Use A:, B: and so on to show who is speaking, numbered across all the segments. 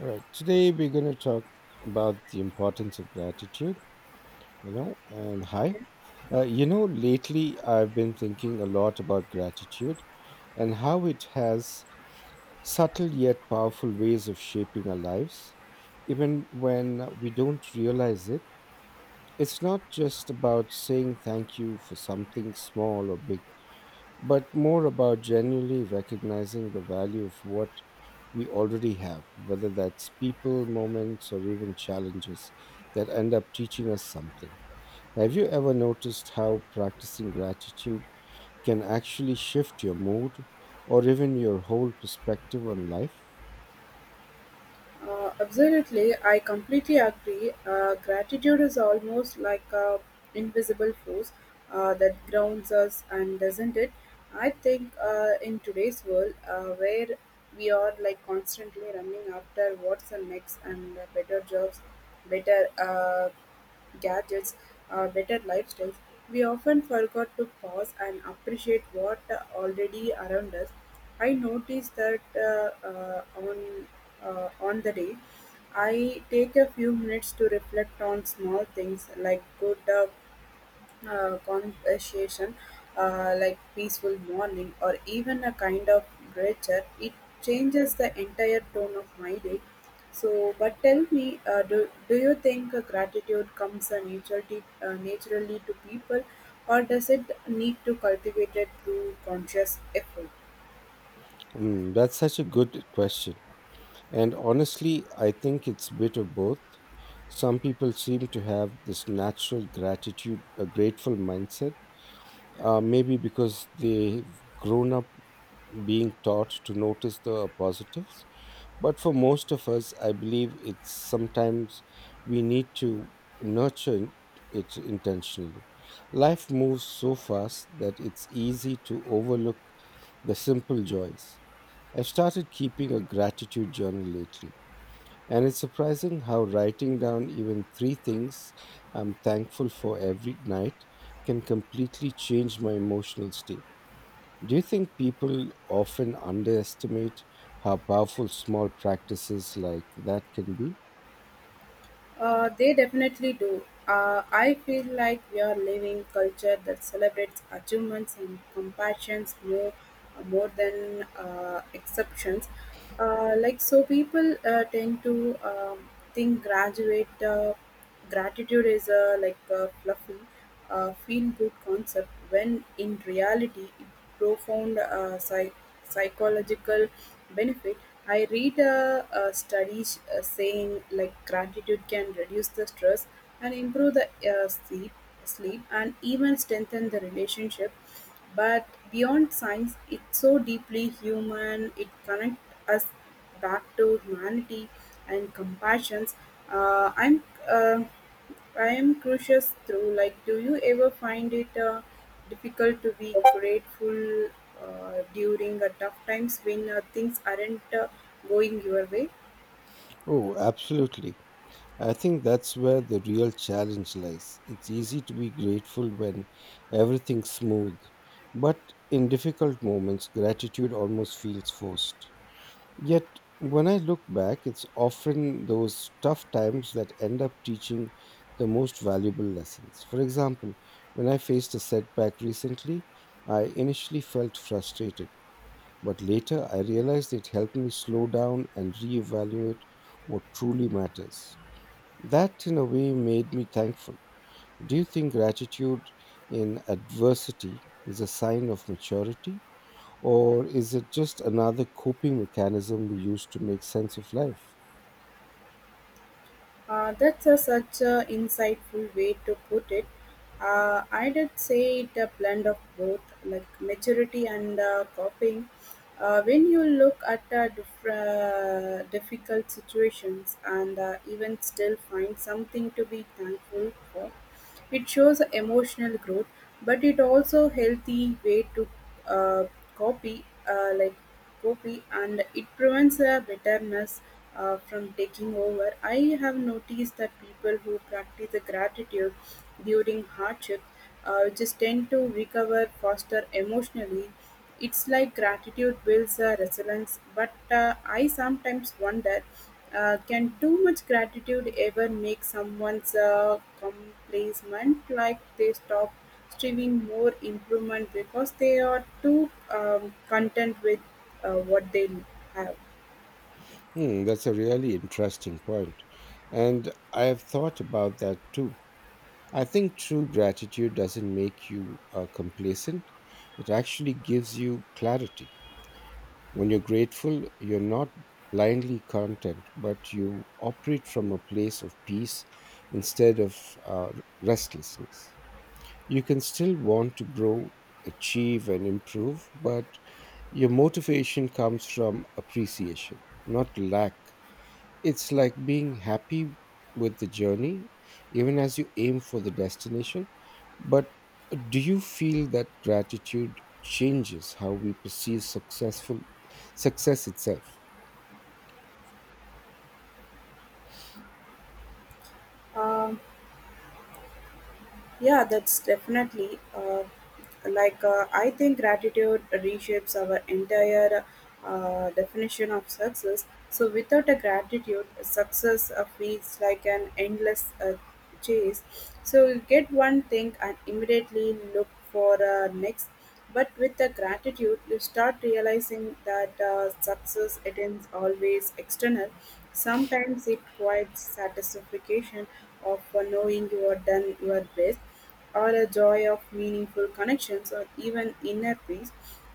A: All right. Today we're going to talk about the importance of gratitude, you know, and hi. Lately I've been thinking a lot about gratitude and how it has subtle yet powerful ways of shaping our lives, even when we don't realize it. It's not just about saying thank you for something small or big but more about genuinely recognizing the value of what we already have, whether that's people, moments, or even challenges that end up teaching us something. Have you ever noticed how practicing gratitude can actually shift your mood or even your whole perspective on life?
B: Absolutely, I completely agree. Gratitude is almost like a invisible force that grounds us, and doesn't it? I think in today's world, where we are like constantly running after what's the next and better jobs, better gadgets, or better lifestyles, we often forgot to pause and appreciate what already around us. I noticed that on the day, I take a few minutes to reflect on small things like good conversation, like peaceful morning or even a kind of nature, it changes the entire tone of my day. So, but tell me, do you think gratitude comes naturally to people, or does it need to cultivate it through conscious effort?
A: Mm, that's such a good question. And honestly, I think it's a bit of both. Some people seem to have this natural gratitude, a grateful mindset. Maybe because they've grown up being taught to notice the positives. But for most of us, I believe it's sometimes we need to nurture it intentionally. Life moves so fast that it's easy to overlook the simple joys. I've started keeping a gratitude journal lately, and it's surprising how writing down even three things I'm thankful for every night can completely change my emotional state. Do you think people often underestimate how powerful small practices like that can be?
B: They definitely do. I feel like we are living culture that celebrates achievements and compassions more than exceptions. Like so, people tend to think graduate gratitude is fluffy, a feel-good concept when in reality it profound psychological benefit. I read studies saying like gratitude can reduce the stress and improve the sleep and even strengthen the relationship. But beyond science, it's so deeply human. It connects us back to humanity and compassions. Uh, I'm uh, I am curious through like do you ever find it difficult to be grateful during tough times when things aren't going your way?
A: Oh, absolutely. I think that's where the real challenge lies. It's easy to be grateful when everything's smooth, but in difficult moments, gratitude almost feels forced. Yet, when I look back, it's often those tough times that end up teaching the most valuable lessons. For example, when I faced a setback recently, I initially felt frustrated, but later I realized it helped me slow down and reevaluate what truly matters. That, in a way, made me thankful. Do you think gratitude in adversity is a sign of maturity? Or is it just another coping mechanism we use to make sense of life?
B: That's a, such an insightful way to put it. I did say it a blend of both, like maturity and coping. When you look at difficult situations and even still find something to be thankful for, it shows emotional growth, but it also healthy way to uh, copy, uh, like copy, and it prevents the bitterness from taking over. I have noticed that people who practice the gratitude during hardship just tend to recover faster emotionally it's like gratitude builds a resilience, but I sometimes wonder can too much gratitude ever make someone's complacent like they stop striving more improvement because they are too content with what they have?
A: Hmm, that's a really interesting point. And I have thought about that too. I think true gratitude doesn't make you complacent, it actually gives you clarity. When you're grateful, you're not blindly content, but you operate from a place of peace instead of uh, restlessness. You can still want to grow, achieve, and improve, but your motivation comes from appreciation, not lack. It's like being happy with the journey, even as you aim for the destination. But do you feel that gratitude changes how we perceive success itself?
B: Um, Yeah, that's definitely I think gratitude reshapes our entire definition of success. So without a gratitude, success feels like an endless chase. So you get one thing and immediately look for next. But with the gratitude, you start realizing that success isn't always external. Sometimes it quite satisfaction of knowing you are done your best, or a joy of meaningful connections, or even inner peace.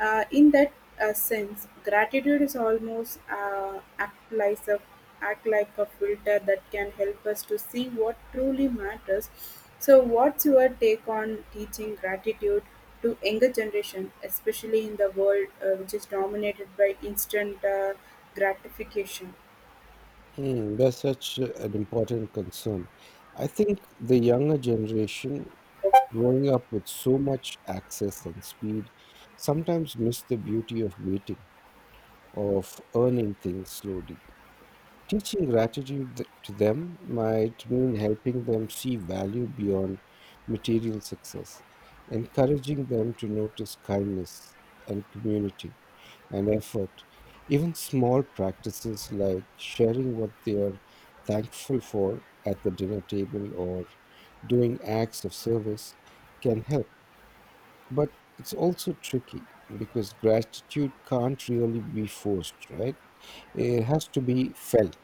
B: In that sense, gratitude is almost act like a filter that can help us to see what truly matters. So, what's your take on teaching gratitude? To younger generation, especially in the world which is dominated by instant gratification.
A: Hmm, that's such an important concern. I think the younger generation growing up with so much access and speed sometimes miss the beauty of waiting, of earning things slowly. Teaching gratitude to them might mean helping them see value beyond material success, encouraging them to notice kindness and community and effort. Even small practices like sharing what they are thankful for at the dinner table or doing acts of service can help. But it's also tricky because gratitude can't really be forced, right? It has to be felt.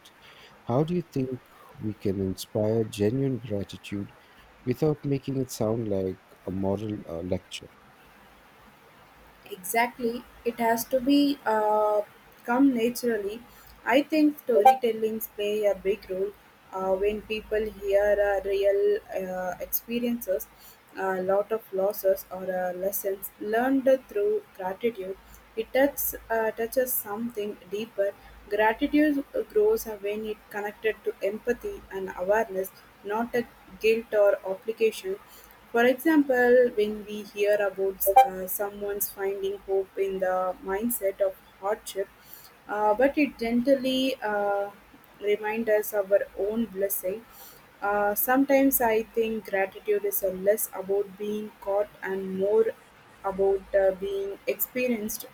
A: How do you think we can inspire genuine gratitude without making it sound like a moral lecture?
B: Exactly, it has to be come naturally. I think storytellings play a big role when people hear real experiences, a lot of losses or lessons learned through gratitude. It touches something deeper; gratitude grows when it connected to empathy and awareness, not a guilt or obligation. For example, when we hear about someone's finding hope in the mindset of hardship, but it gently reminds us our own blessing. Sometimes I think gratitude is a less about being caught and more about being experienced.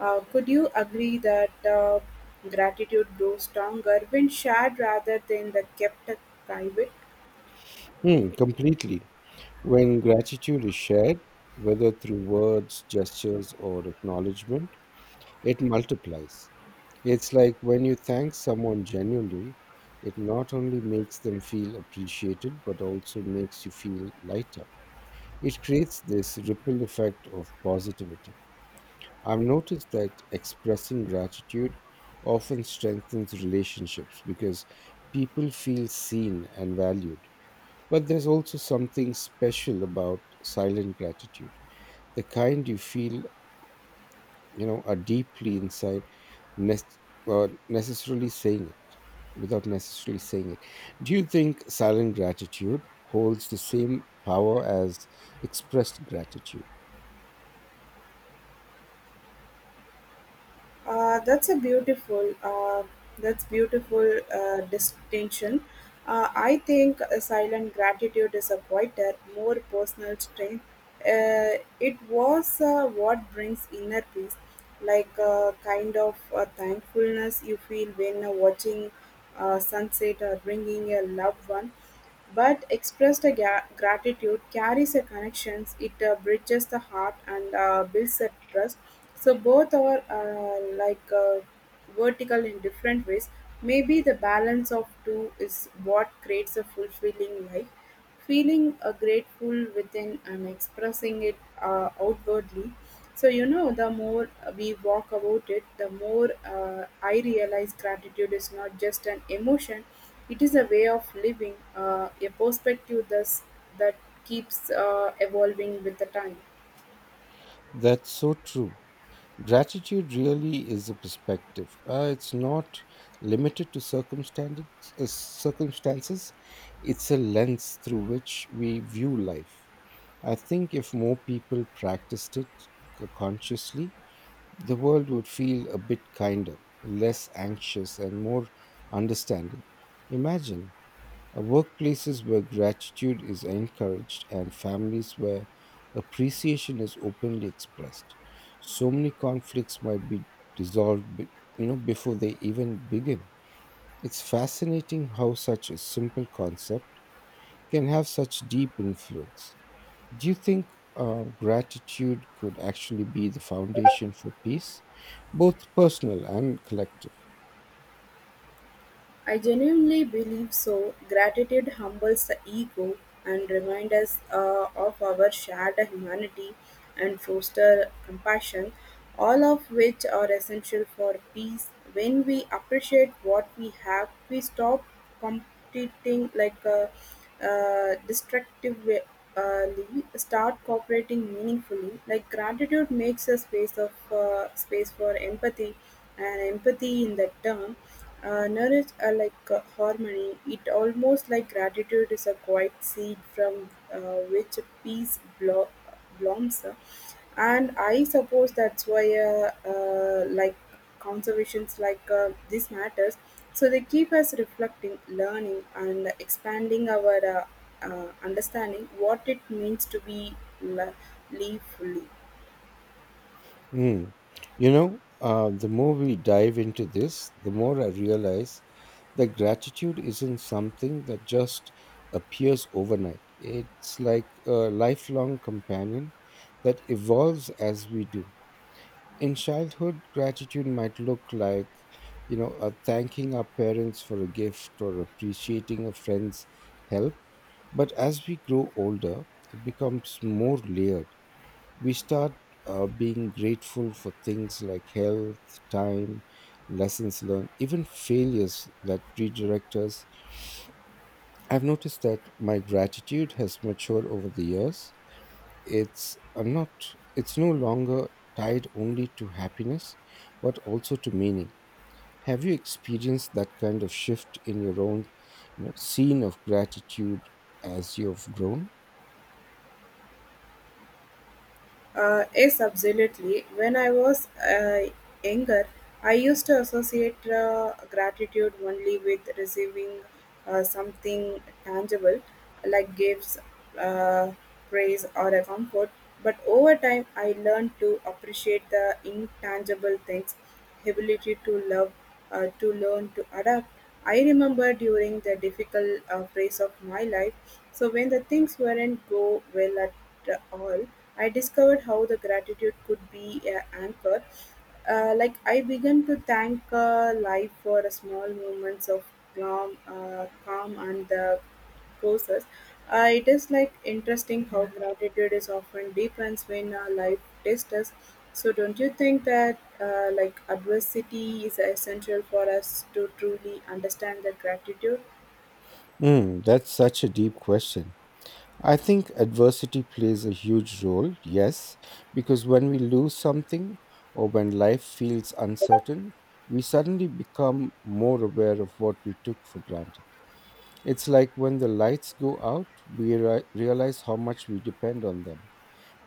B: Could you agree that gratitude grows stronger when shared rather than the kept private?
A: Hmm, completely. When gratitude is shared, whether through words, gestures, or acknowledgement, it multiplies. It's like when you thank someone genuinely, it not only makes them feel appreciated, but also makes you feel lighter. It creates this ripple effect of positivity. I've noticed that expressing gratitude often strengthens relationships because people feel seen and valued. But there's also something special about silent gratitude, the kind you feel, you know, are deeply inside, nec- necessarily saying it without necessarily saying it. Do you think silent gratitude holds the same power as expressed gratitude?
B: Uh, that's a beautiful, uh, that's beautiful distinction. I think a silent gratitude is a quieter, more personal strength. It was what brings inner peace, like a kind of thankfulness you feel when watching sunset or bringing a loved one. But expressed gratitude carries a connections. It bridges the heart and builds a trust. So both are vertical in different ways. Maybe the balance of two is what creates a fulfilling life feeling grateful within and expressing it outwardly. So, you know, the more we walk about it, the more I realize gratitude is not just an emotion, it is a way of living, a perspective thus, that keeps evolving with the time.
A: That's so true. Gratitude really is a perspective. It's not limited to circumstances, it's a lens through which we view life. I think if more people practiced it consciously, the world would feel a bit kinder, less anxious, and more understanding. Imagine workplaces where gratitude is encouraged and families where appreciation is openly expressed. So many conflicts might be dissolved before they even begin. It's fascinating how such a simple concept can have such deep influence. Do you think gratitude could actually be the foundation for peace, both personal and collective?
B: I genuinely believe so. Gratitude humbles the ego and reminds us of our shared humanity and foster compassion, all of which are essential for peace. When we appreciate what we have, we stop competing like destructively, uh, start cooperating meaningfully. Like gratitude makes a space for empathy, and empathy in that term Nerets are like harmony; it almost like gratitude is a quiet seed from which peace blooms, and I suppose that's why conservations like this matters. So they keep us reflecting, learning, and expanding our understanding what it means to be li- live fully.
A: Mm. You know, the more we dive into this, the more I realize that gratitude isn't something that just appears overnight. It's like a lifelong companion that evolves as we do. In childhood, gratitude might look like, thanking our parents for a gift or appreciating a friend's help. But as we grow older, it becomes more layered. We start being grateful for things like health, time, lessons learned, even failures that redirect us. I've noticed that my gratitude has matured over the years. It's no longer tied only to happiness, but also to meaning. Have you experienced that kind of shift in your own, you know, scene of gratitude as you've grown?
B: Yes, absolutely. When I was younger, I used to associate gratitude only with receiving something tangible, like gifts, uh, praise, or a comfort. But over time, I learned to appreciate the intangible things ability to love, to learn, to adapt. I remember during the difficult phase of my life, so when the things weren't go well at all, I discovered how the gratitude could be an anchor. Like I began to thank life for a small moments of calm and the courses. I like interesting how gratitude is often defines when our life tests us. So don't you think that like adversity is essential for us to truly understand the gratitude?
A: Mm, that's such a deep question. I think adversity plays a huge role, yes, because when we lose something or when life feels uncertain, we suddenly become more aware of what we took for granted. It's like when the lights go out, we realize how much we depend on them.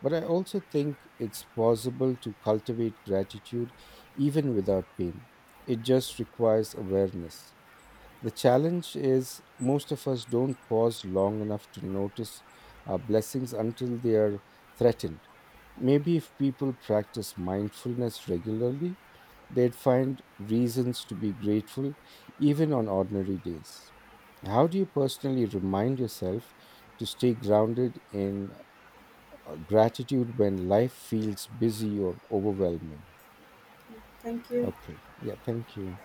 A: But I also think it's possible to cultivate gratitude even without pain. It just requires awareness. The challenge is most of us don't pause long enough to notice our blessings until they are threatened. Maybe if people practice mindfulness regularly, they'd find reasons to be grateful even on ordinary days. How do you personally remind yourself to stay grounded in gratitude when life feels busy or overwhelming?
B: Thank you.
A: Okay, yeah, thank you.